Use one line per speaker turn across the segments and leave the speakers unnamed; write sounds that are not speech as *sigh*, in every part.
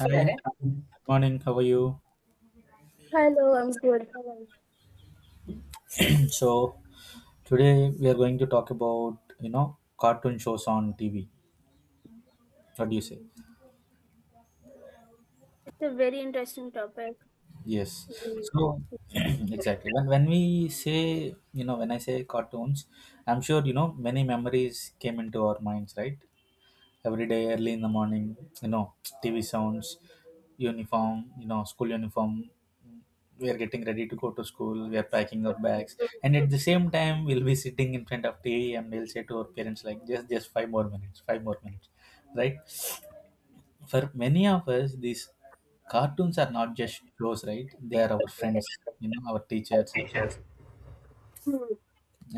Hi,
Correct.
morning. How are you?
Hello, I'm good.
*clears throat* So today we are going to talk about cartoon shows on TV. What do you say?
It's a very interesting topic.
Yes. So *clears throat* exactly when we say when I say cartoons, I'm sure you know many memories came into our minds, right? Every day early in the morning, you know tv sounds, uniform, school uniform. We are getting ready to go to school, we are packing our bags, and at the same time we'll be sitting in front of tv, and we'll say to our parents like just five more minutes, five more minutes, right? For many of us these cartoons are not just shows, right? They are our friends, you know, our teachers.
Hmm.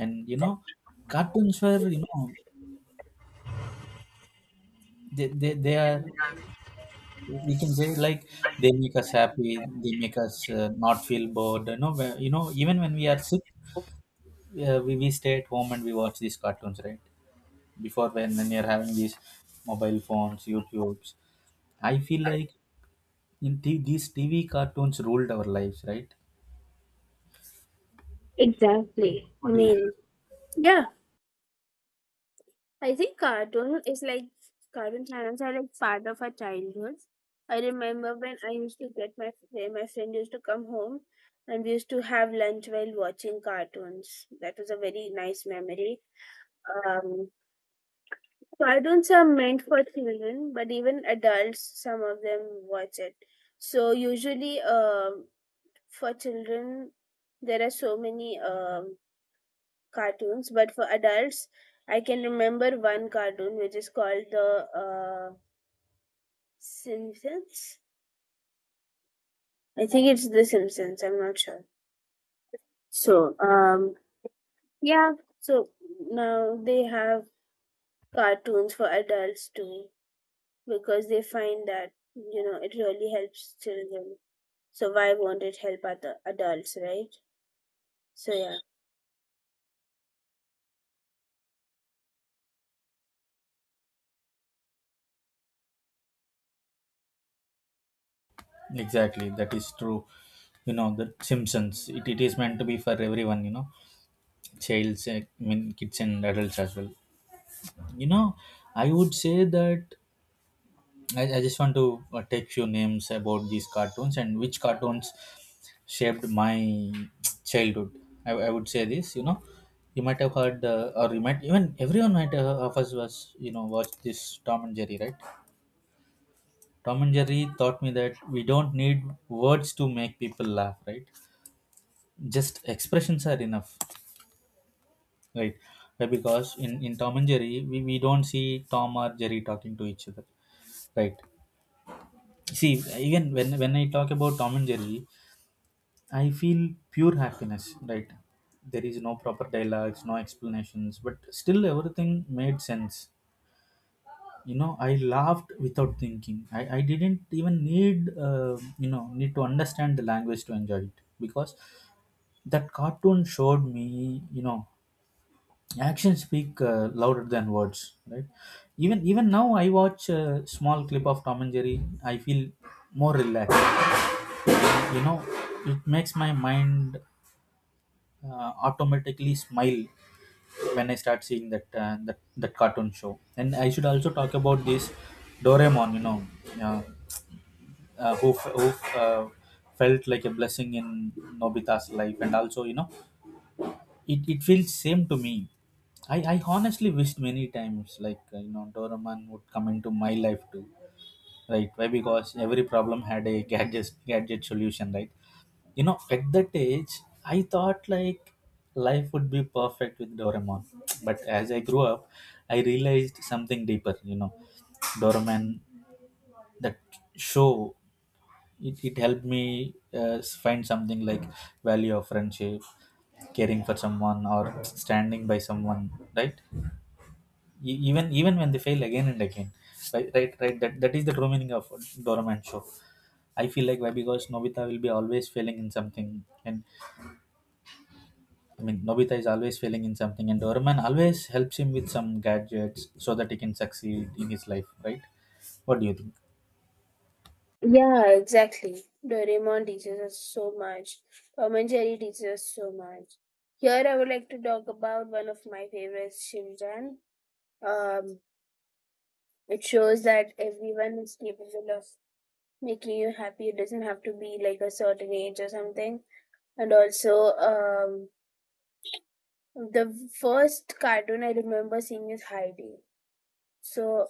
And you know, cartoons were, you know, they are, we can say like, they make us happy, they make us not feel bored, you know, even when we are sick, we stay at home and we watch these cartoons, right? Before, when we are having these mobile phones, youtubes, I feel like, these tv cartoons ruled our lives, right?
Exactly. I
What do you—
mean, yeah, I think cartoon channels are like part of our childhood. I remember when I used to get my friend used to come home, and we used to have lunch while watching cartoons. That was a very nice memory. Um, Cartoons are meant for children, but even adults, some of them watch it. So usually, for children there are so many cartoons, but for adults I can remember one cartoon which is called the Simpsons. I think it's the Simpsons, I'm not sure. So, yeah. So now they have cartoons for adults too, because they find that it really helps children. So why won't it help other adults, right? So yeah.
exactly, that is true. You know, the simpsons, it is meant to be for everyone, you know, childs, I mean kids and adults as well, you know. I would say that I just want to take few names about these cartoons, and which cartoons shaped my childhood. I would say this, you know, you might have heard, or you might even everyone might have, of us was, you know, watched this Tom and Jerry, right? Tom and Jerry taught me that we don't need words to make people laugh, right? Just expressions are enough, right? Right. Because in Tom and Jerry, we don't see Tom or Jerry talking to each other, right? See, even when I talk about Tom and Jerry, I feel pure happiness, right? There is no proper dialogues, no explanations, but still everything made sense. You know, I laughed without thinking. I didn't even need, you know, need to understand the language to enjoy it, because that cartoon showed me, you know, actions speak louder than words, right? Even now, I watch a small clip of Tom and Jerry. I feel more relaxed. You know, it makes my mind automatically smile when I start seeing that that cartoon show. And I should also talk about this Doraemon. You know, uh, who uh, felt like a blessing in Nobita's life, and also you know, it feels same to me. I honestly wished many times like you know Doraemon would come into my life too, right? Why? Because every problem had a gadget solution, right? You know, at that age, I thought like life would be perfect with doraemon. But as I grew up, I realized something deeper, you know. Doraemon, that show, it helped me find something like value of friendship, caring for someone or standing by someone, right? Even when they fail again and again, right? Right, right, that is the true meaning of doraemon show. I feel like. Why? Because Nobita will be always failing in something, and I mean Nobita is always failing in something, and Doraemon always helps him with some gadgets so that he can succeed in his life, right? What do you think?
Yeah, exactly. Doraemon teaches us so much. Tom and Jerry teaches us so much. Here, I would like to talk about one of my favorites, Shimjan. Um, it shows that everyone is capable of making you happy. It doesn't have to be like a certain age or something. And also, the first cartoon I remember seeing is Heidi. So,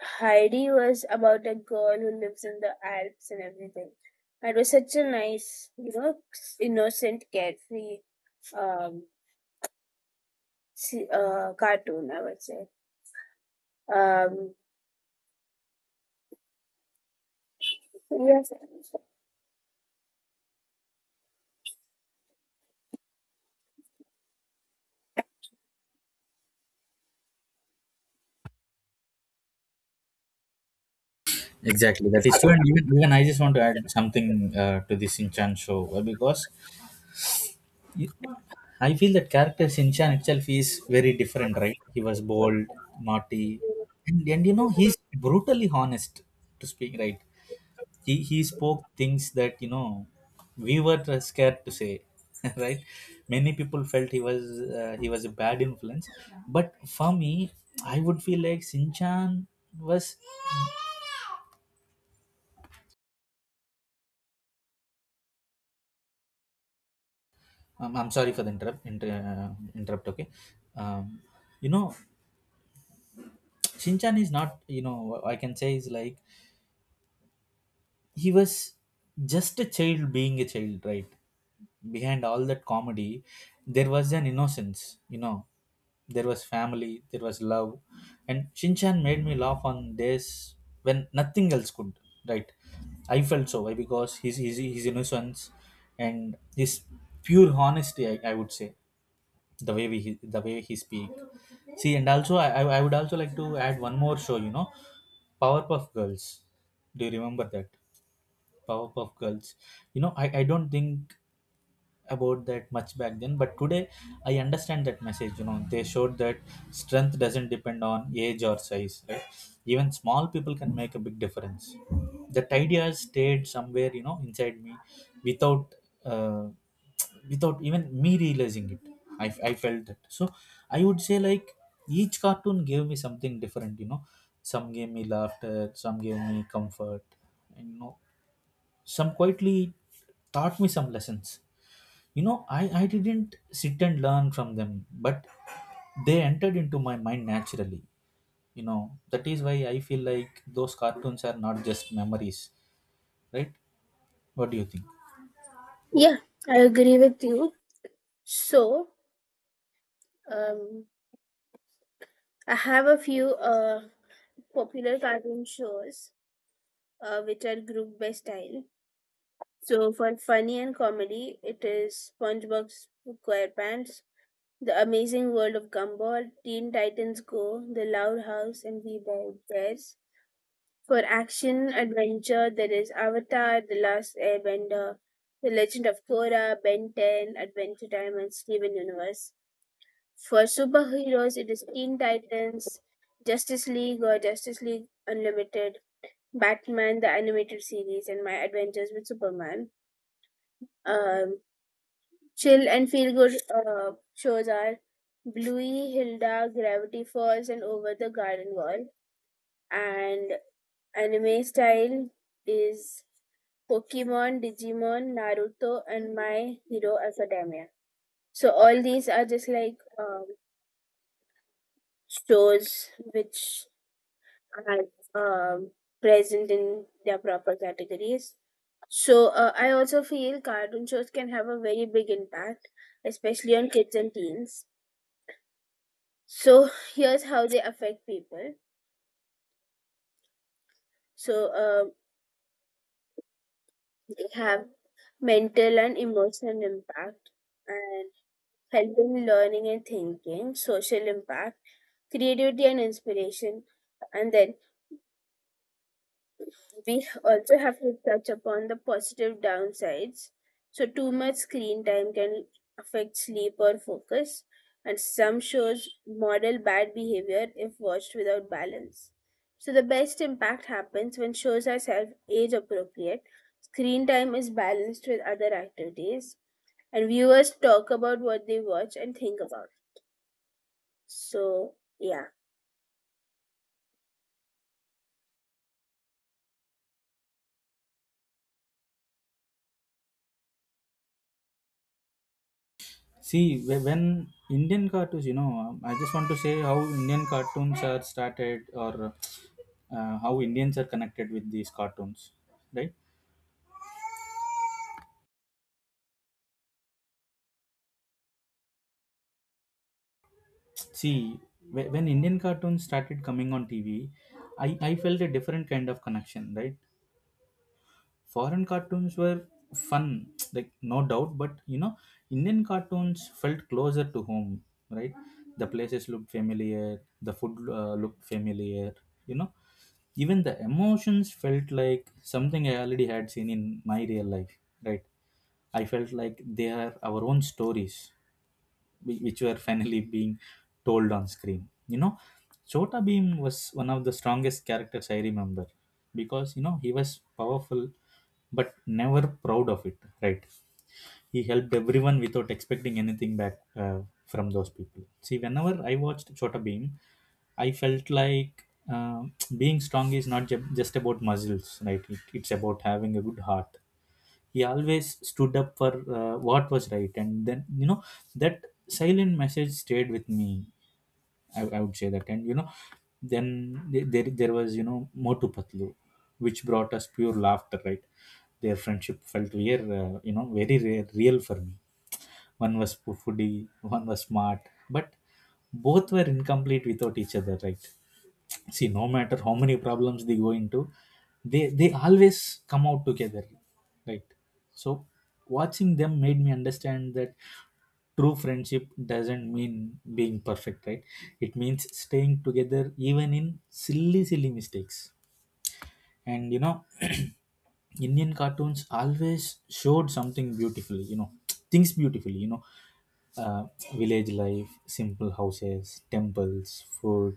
Heidi was about a girl who lives in the Alps and everything. It was such a nice, innocent, carefree um, cartoon, I would say. Um, yes.
Exactly, that is true. And even I just want to add something to this Shinchan show because y- I feel that character Shinchan itself is very different, right? He was bold, naughty, and you know, he's brutally honest to speak, right? He spoke things that you know we were scared to say *laughs* right? Many people felt he was a bad influence, but for me, I would feel like sinchan was, I'm sorry for the interrupt. Okay. um, you know, Shinchan is not, you know, I can say is like, he was just a child being a child, right? Behind all that comedy, there was an innocence, you know. There was family, there was love, and shinchan made me laugh on days when nothing else could, right? I felt so. Why? Because his his innocence and his pure honesty, I would say, the way we the way he speak. See, and also I I would also like to add one more show, you know, powerpuff girls. Do you remember that? Powerpuff Girls. You know, I don't think about that much back then, but today I understand that message. You know, they showed that strength doesn't depend on age or size, right? Even small people can make a big difference. That idea stayed somewhere, you know, inside me without uh, without even me realizing it. I felt that. So I would say like each cartoon gave me something different, you know. Some gave me laughter, some gave me comfort, and you know, some quietly taught me some lessons, you know. I didn't sit and learn from them, but they entered into my mind naturally. You know, that is why I feel like those cartoons are not just memories, right? What do you think?
Yeah, I agree with you. So, um, I have a few popular cartoon shows which are grouped by style. So, for funny and comedy, it is SpongeBob SquarePants, The Amazing World of Gumball, Teen Titans Go, The Loud House, and We Bare Bears. For action adventure, there is Avatar, The Last Airbender, The Legend of Korra, Ben 10, Adventure Time, and Steven Universe. For superheroes, it is Teen Titans, Justice League or Justice League Unlimited, Batman, the animated series, and My Adventures with Superman. Um, Chill and feel good shows are Bluey, Hilda, Gravity Falls, and Over the Garden Wall. And anime style is Pokemon, Digimon, Naruto, and My Hero Academia. So all these are just like shows which are present in their proper categories. So I also feel cartoon shows can have a very big impact, especially on kids and teens. So here's how they affect people. So they have mental and emotional impact, and helping learning and thinking, social impact, creativity and inspiration, and then we also have to touch upon the positive downsides. So, too much screen time can affect sleep or focus, and some shows model bad behavior if watched without balance. So, the best impact happens when shows are self age appropriate, screen time is balanced with other activities, and viewers talk about what they watch and think about. So, yeah.
See, when Indian cartoons, you know, I just want to say how Indian cartoons are started, or how Indians are connected with these cartoons, right? See, when Indian cartoons started coming on TV, I felt a different kind of connection, right? Foreign cartoons were fun, *tsk* like no doubt, but you know, Indian cartoons felt closer to home, right? The places looked familiar, the food looked familiar, you know, even the emotions felt like something I already had seen in my real life, right? I felt like they are our own stories, which were finally being told on screen. You know, chota beam was one of the strongest characters I remember, because you know he was powerful, but never proud of it, right? He helped everyone without expecting anything back, from those people. See, whenever I watched chota beam, I felt like, uh, being strong is not just about muscles, right? It, it's about having a good heart. He always stood up for what was right, and then you know, that silent message stayed with me, I would say that. And you know, then there was, you know, motu patlu, which brought us pure laughter, right? Their friendship felt rare, you know, very rare, real for me. One was foodie, one was smart, but both were incomplete without each other, right? See, no matter how many problems they go into, they always come out together, right? So watching them made me understand that true friendship doesn't mean being perfect, right? It means staying together even in silly, silly mistakes. And you know, *clears throat* indian cartoons always showed something beautifully, you know, things beautifully, you know, uh, village life, simple houses, temples, food,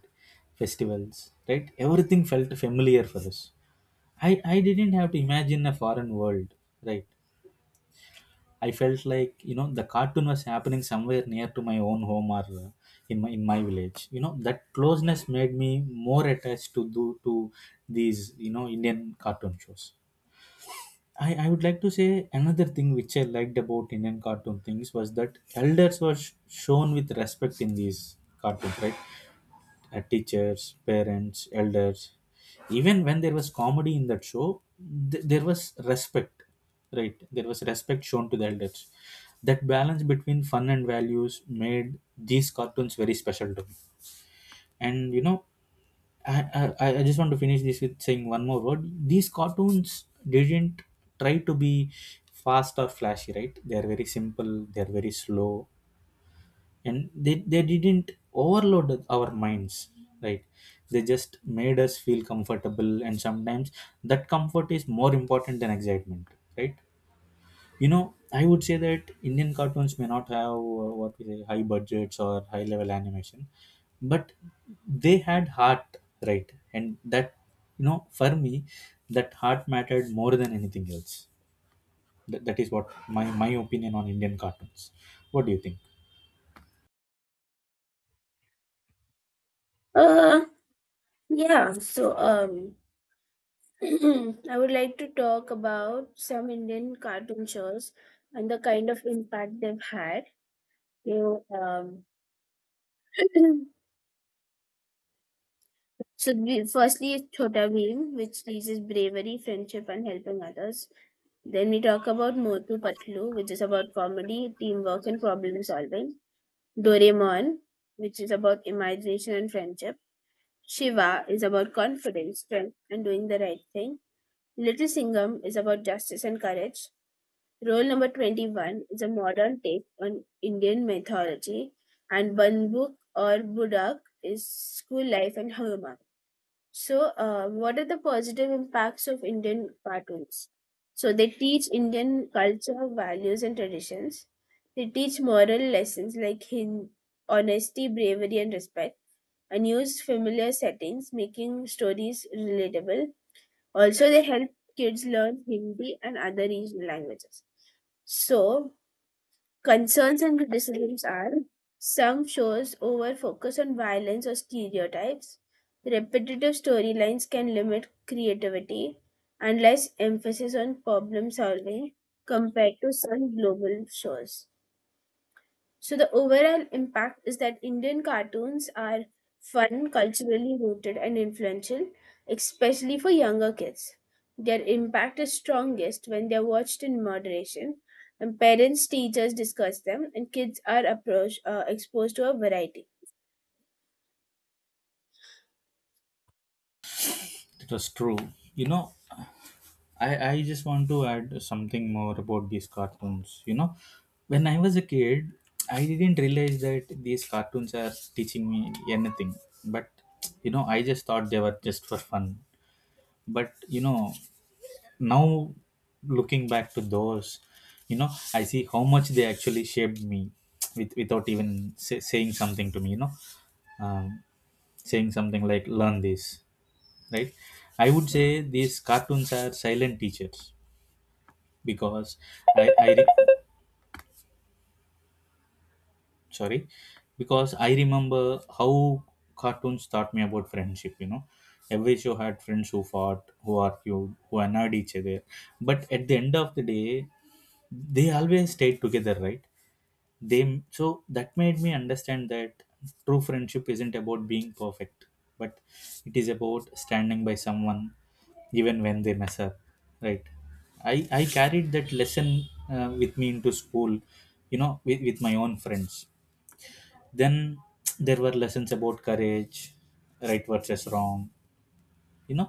festivals, right? Everything felt familiar for us. I didn't have to imagine a foreign world, right? I felt like, you know, the cartoon was happening somewhere near to my own home, or in my village. You know, that closeness made me more attached to do to these, you know, indian cartoon shows. I would like to say another thing which I liked about Indian cartoon things was that elders were shown with respect in these cartoons, right? Teachers, parents, elders. Even when there was comedy in that show, there was respect, right? There was respect shown to the elders. That balance between fun and values made these cartoons very special to me. And you know, I just want to finish this with saying one more word. These cartoons didn't try to be fast or flashy, right? They are very simple, they are very slow, and they didn't overload our minds, right? They just made us feel comfortable, and sometimes that comfort is more important than excitement, right? You know, I would say that Indian cartoons may not have what we say high budgets or high level animation, but they had heart, right? And that, you know, for me, that heart mattered more than anything else. That is what my opinion on Indian cartoons. What do you think?
Uh, yeah. So, *clears throat* I would like to talk about some Indian cartoon shows and the kind of impact they've had. You know, um, *clears throat* so firstly is Chhota Bheem, which teaches bravery, friendship, and helping others. Then we talk about Motu Patlu, which is about comedy, teamwork, and problem solving. Doraemon, which is about imagination and friendship. Shiva is about confidence, strength, and doing the right thing. Little Singham is about justice and courage. Role number 21 is a modern take on Indian mythology, and Banbuk or Budak is school life and homework. So, what are the positive impacts of Indian cartoons? So, they teach Indian culture, values, and traditions. They teach moral lessons like honesty, bravery, and respect, and use familiar settings, making stories relatable. Also, they help kids learn Hindi and other regional languages. So, concerns and criticisms are: some shows over focus on violence or stereotypes. Repetitive storylines can limit creativity and less emphasis on problem solving compared to some global shows. So the overall impact is that Indian cartoons are fun, culturally rooted, and influential, especially for younger kids. Their impact is strongest when they're watched in moderation, and parents, teachers discuss them, and kids are approach, exposed to a variety.
It was true. You know, I just want to add something more about these cartoons. You know, when I was a kid, I didn't realize that these cartoons are teaching me anything. But, you know, I just thought they were just for fun. But, you know, now looking back to those, you know, I see how much they actually shaped me without even saying something to me, um, saying something like, learn this, right? I would say these cartoons are silent teachers because I re- sorry because I remember how cartoons taught me about friendship. You know, every show had friends who fought, who argued, who annoyed each other, but at the end of the day, they always stayed together, right? they so that made me understand that true friendship isn't about being perfect, but it is about standing by someone even when they mess up, right? I carried that lesson with me into school, you know, with my own friends. Then *tsk* there were lessons about courage, right versus wrong, you know.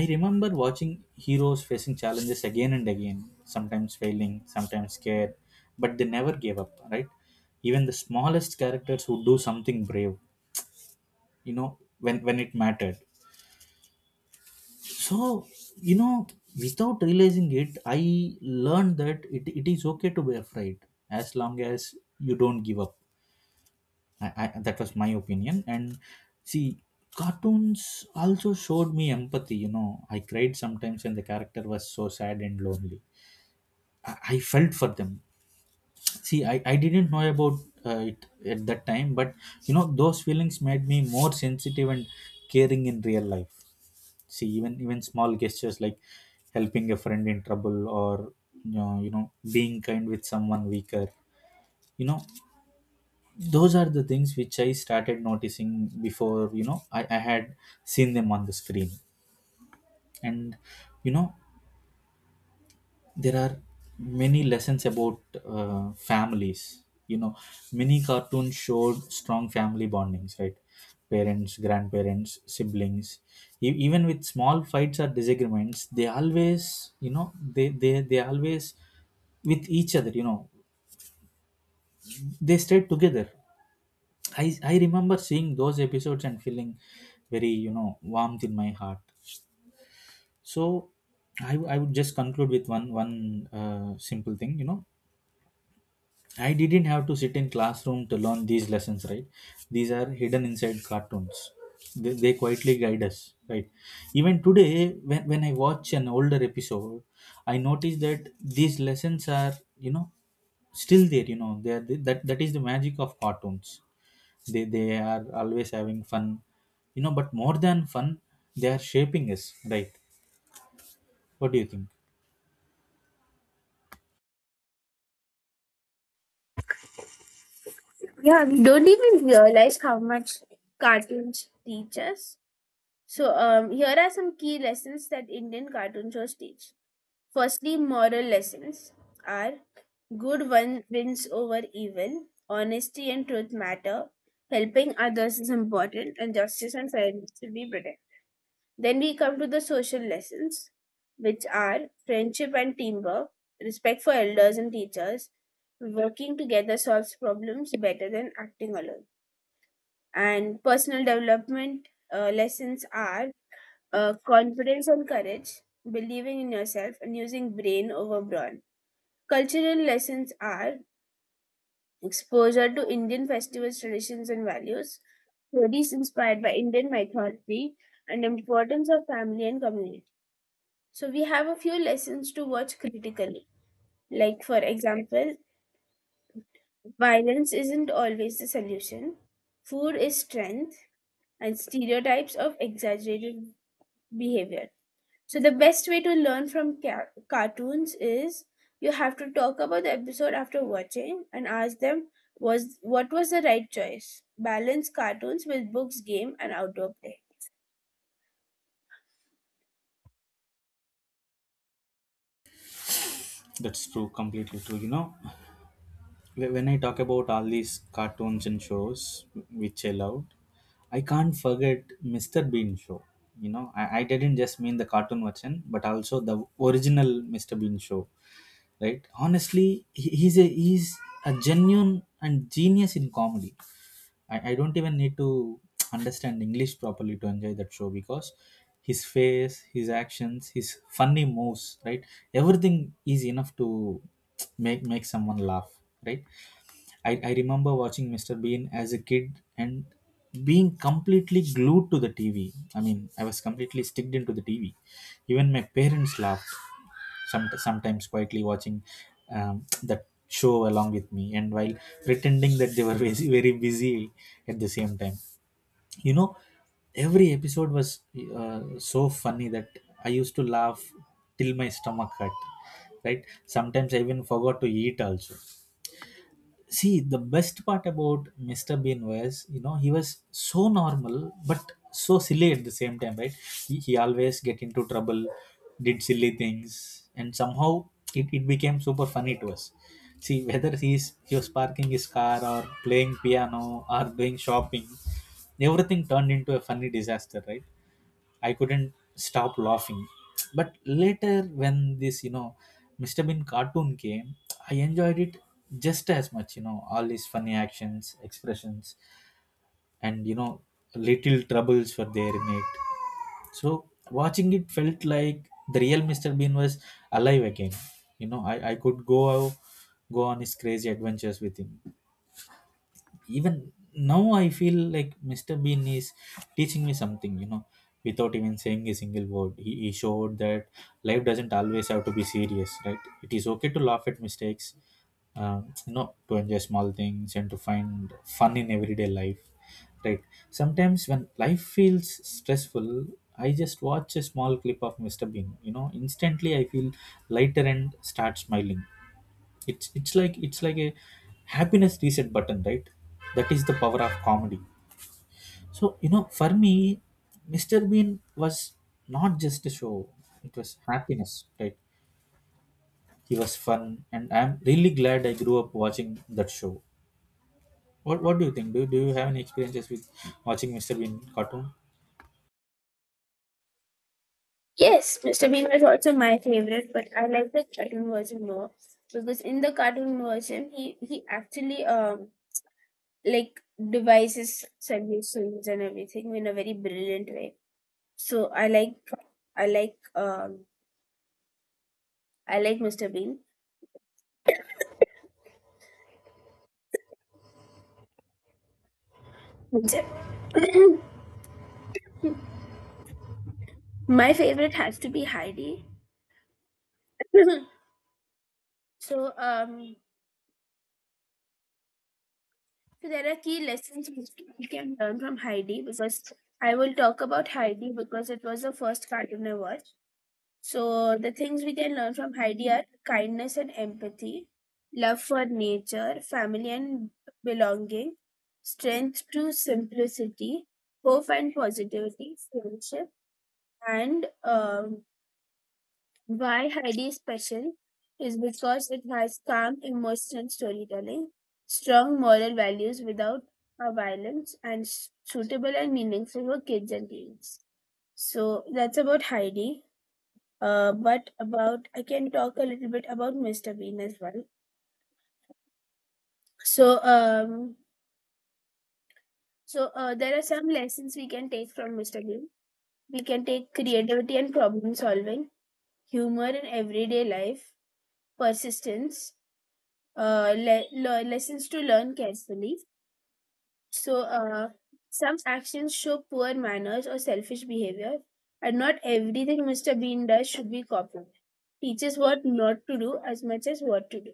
I remember watching heroes facing challenges again and again, sometimes failing, sometimes scared, but they never gave up, right? Even the smallest characters would do something brave, you know, when it mattered. So you know without realizing it, I learned that it is okay to be afraid as long as you don't give up. I That was my opinion. And see, cartoons also showed me empathy, you know. I cried sometimes when the character was so sad and lonely. I felt for them. See, I didn't know about it at that time, but you know, those feelings made me more sensitive and caring in real life. See, even small gestures like helping a friend in trouble, or you know, being kind with someone weaker, you know, those are the things which I started noticing before, you know, I had seen them on the screen. And you know, there are many lessons about families, you know. Many cartoons showed strong family bondings, right? Parents, grandparents, siblings, even with small fights or disagreements, they always, you know, they always with each other, you know, they stayed together. I remember seeing those episodes and feeling very, you know, warmth in my heart. So, I would just conclude with one simple thing. You know, I didn't have to sit in classroom to learn these lessons. Right, these are hidden inside cartoons. They quietly guide us. Right, even today when I watch an older episode, I notice that these lessons are, you know, still there. You know, they are the, that that is the magic of cartoons. They are always having fun, you know, but more than fun, they are shaping us, right? What do you think?
Yeah, we don't even realize how much cartoons teach us. So here are some key lessons that Indian cartoon shows teach. Firstly, moral lessons are: good one wins over evil, honesty and truth matter, helping others is important, and justice and fairness should be protected. Then we come to the social lessons, which are friendship and teamwork, respect for elders and teachers, working together solves problems better than acting alone. And personal development lessons are confidence and courage, believing in yourself, and using brain over brawn. Cultural lessons are exposure to Indian festivals, traditions, and values, stories inspired by Indian mythology, and importance of family and community. So we have a few lessons to watch critically. Like for example, violence isn't always the solution. Food is strength, and stereotypes of exaggerated behavior. So the best way to learn from cartoons is, you have to talk about the episode after watching and ask them was what was the right choice. Balance cartoons with books, game, and outdoor play.
That's true, completely true, you know. When I talk about all these cartoons and shows which I loved, I can't forget Mr. Bean show. You know, I didn't just mean the cartoon version, but also the original Mr. Bean show, right? Honestly, he's a genuine and genius in comedy. I don't even need to understand English properly to enjoy that show, because his face, his actions, his funny moves, right? Everything is enough to make someone laugh, right? I remember watching Mr. Bean as a kid and being completely glued to the TV. I mean, I was completely sticked into the TV. Even my parents laughed, sometimes quietly watching that show along with me, and while pretending that they were *laughs* very, very busy at the same time. You know, every episode was so funny that I used to laugh till my stomach hurt. Right? Sometimes I even forgot to eat also. See, the best part about Mr. Bean was, you know, he was so normal but so silly at the same time, right? He always get into trouble, did silly things, and somehow it became super funny to us. See, whether he was parking his car or playing piano or doing shopping, everything turned into a funny disaster, right? I couldn't stop laughing. But later, when this, you know, Mr. Bean cartoon came, I enjoyed it just as much, you know, all his funny actions, expressions, and, you know, little troubles were there in it. So, watching it felt like the real Mr. Bean was alive again. You know, I could go out, go on his crazy adventures with him. Even now I feel like Mr. Bean is teaching me something, you know. Without even saying a single word, he showed that life doesn't always have to be serious, right? It is okay to laugh at mistakes, you know, to enjoy small things and to find fun in everyday life, right? Sometimes when life feels stressful, I just watch a small clip of Mr. Bean, you know, instantly I feel lighter and start smiling. It's like a happiness reset button, right? That is the power of comedy. So, you know, for me, Mr. Bean was not just a show, it was happiness, right? He was fun, and I'm really glad I grew up watching that show. What do you think? Do you have any experiences with watching Mr. Bean cartoon?
Yes, Mr. Bean was also my favorite, but I like the cartoon version more because in the cartoon version, he actually like devises solutions and everything in a very brilliant way. So I like um I like Mr. Bean. That's it. *laughs* *clears throat* My favorite has to be Heidi. *laughs* so, um, so there are key lessons which we can learn from Heidi, because I will talk about Heidi because it was the first cartoon I watched. So the things we can learn from Heidi are kindness and empathy, love for nature, family and belonging, strength to simplicity, hope and positivity, friendship, and why Heidi is special is because it has calm emotional storytelling, strong moral values without a violence, and suitable and meaningful for kids and teens. So that's about Heidi. But about I can talk a little bit about Mr. Bean as well. So um, so there are some lessons we can take from Mr. Bean. We can take creativity and problem solving, humor in everyday life, persistence, lessons to learn carefully. So, some actions show poor manners or selfish behavior, and not everything Mr. Bean does should be copied. Teaches what not to do as much as what to do.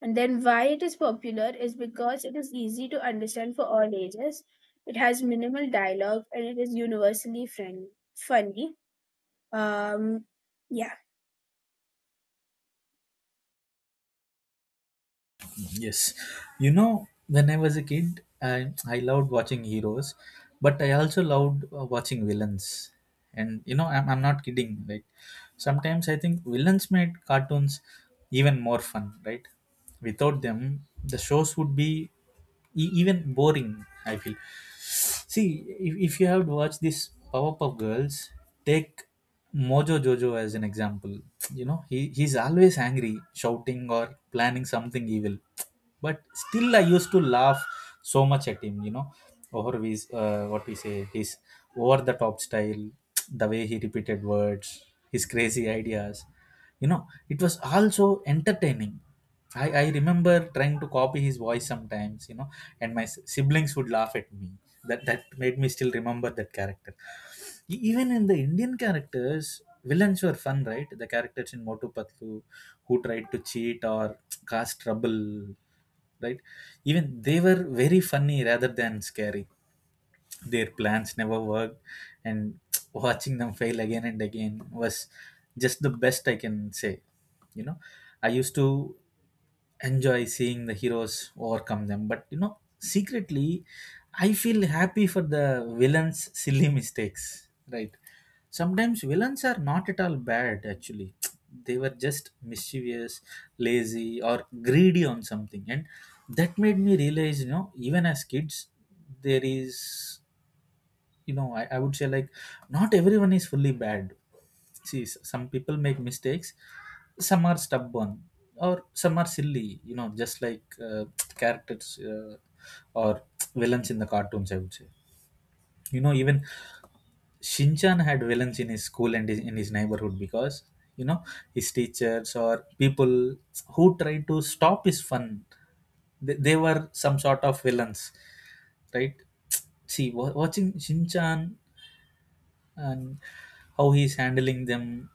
And then, why it is popular is because it is easy to understand for all ages. It has minimal dialogue and it is universally friendly, funny. Um, yeah,
Yes. You know, when I was a kid, I loved watching heroes, but I also loved watching villains. And, you know, I'm not kidding. Like, sometimes I think villains made cartoons even more fun, right? Without them, the shows would be even boring, I feel. See, if you have watched this Powerpuff Girls, take Mojo Jojo as an example. You know, he's always angry, shouting or planning something evil. But still, I used to laugh so much at him, you know, over his, what we say, his over the top style, the way he repeated words, his crazy ideas, you know. It was also entertaining. I remember trying to copy his voice sometimes, you know, and my siblings would laugh at me. That made me still remember that character. Even in the Indian characters, villains were fun, right? The characters in Motu Patlu who tried to cheat or *tsk* cause trouble, right? Even they were very funny rather than scary. Their plans never worked, and watching them fail again and again was just the best I can say. You know, I used to enjoy seeing the heroes overcome them, but you know, secretly, I feel happy for the villains' silly mistakes, right? Sometimes villains are not at all bad, actually. *tsk* They were just mischievous, lazy, or greedy on something, and that made me realize, you know, even as kids, there is, you know, I would say like not everyone is fully bad. See, some people make mistakes, some are stubborn, or some are silly, you know, just like uh, *tsk* characters, or *tsk* villains in the cartoons, I would say, you know, even Shinchan had villains in his school and in his neighborhood, because you know, his teachers or people who tried to stop his fun, they were some sort of villains, right? See, watching Shinchan and how he's handling them,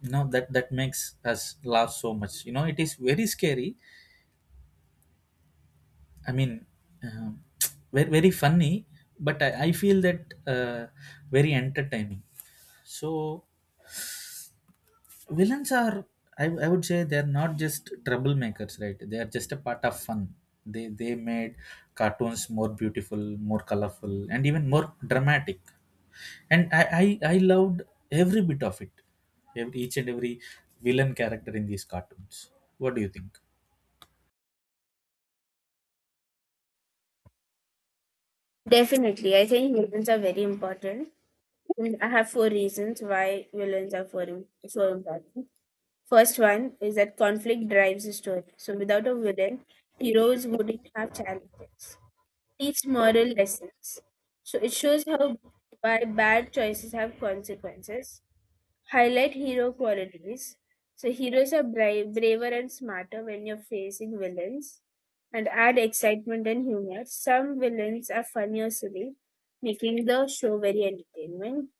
you know, that makes us laugh so much. You know, it is very scary, I mean, um, *tsk* very, very funny, but I feel that very entertaining. So villains are, I would say, they're not just troublemakers, right? They are just a part of fun. They made cartoons more beautiful, more colorful, and even more dramatic. And I loved every bit of it. Each and every villain character in these cartoons. What do you think?
definitely. I think humans are very important. I have four reasons why villains are so important. First one is that conflict drives the story. So without a villain, heroes wouldn't have challenges. Teach moral lessons. So it shows how why bad choices have consequences. Highlight hero qualities. So heroes are braver and smarter when you're facing villains. And add excitement and humor. Some villains are funny or silly, making the show very entertaining.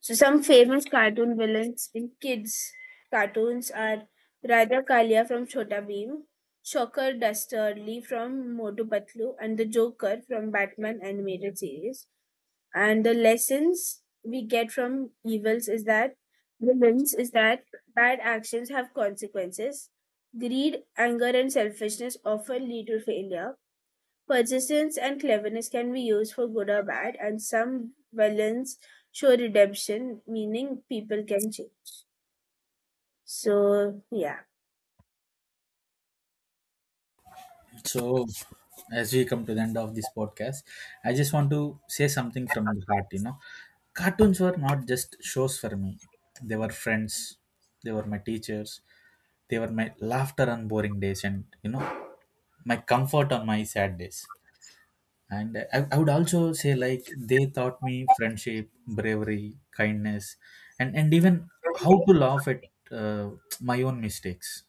So some famous cartoon villains in kids cartoons are Raja Kalia from Chhota Bheem, Shocker Dastardly from Motu Patlu, and the Joker from Batman animated series. And the lessons we get from evils is that villains is that bad actions have consequences. Greed, anger, and selfishness often lead to failure. Persistence and cleverness can be used for good or bad, and some villains show redemption, meaning people can change. So, yeah.
So, as we come to the end of this podcast, I just want to say something from the heart. You know, cartoons were not just shows for me, they were friends, they were my teachers, they were my laughter on boring days, and you know, my comfort on my sad days. And I would also say, like, they taught me friendship, bravery, kindness, and even how to laugh at uh, my own mistakes.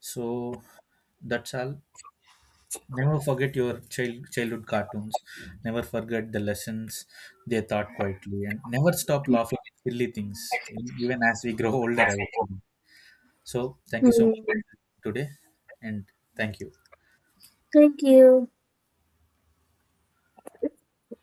So, that's all. Never forget your childhood cartoons. Never forget the lessons they taught quietly, and never stop laughing at silly things, even as we grow older, I would say. So, thank you so much
Hmm.
today, and thank you.
Thank you.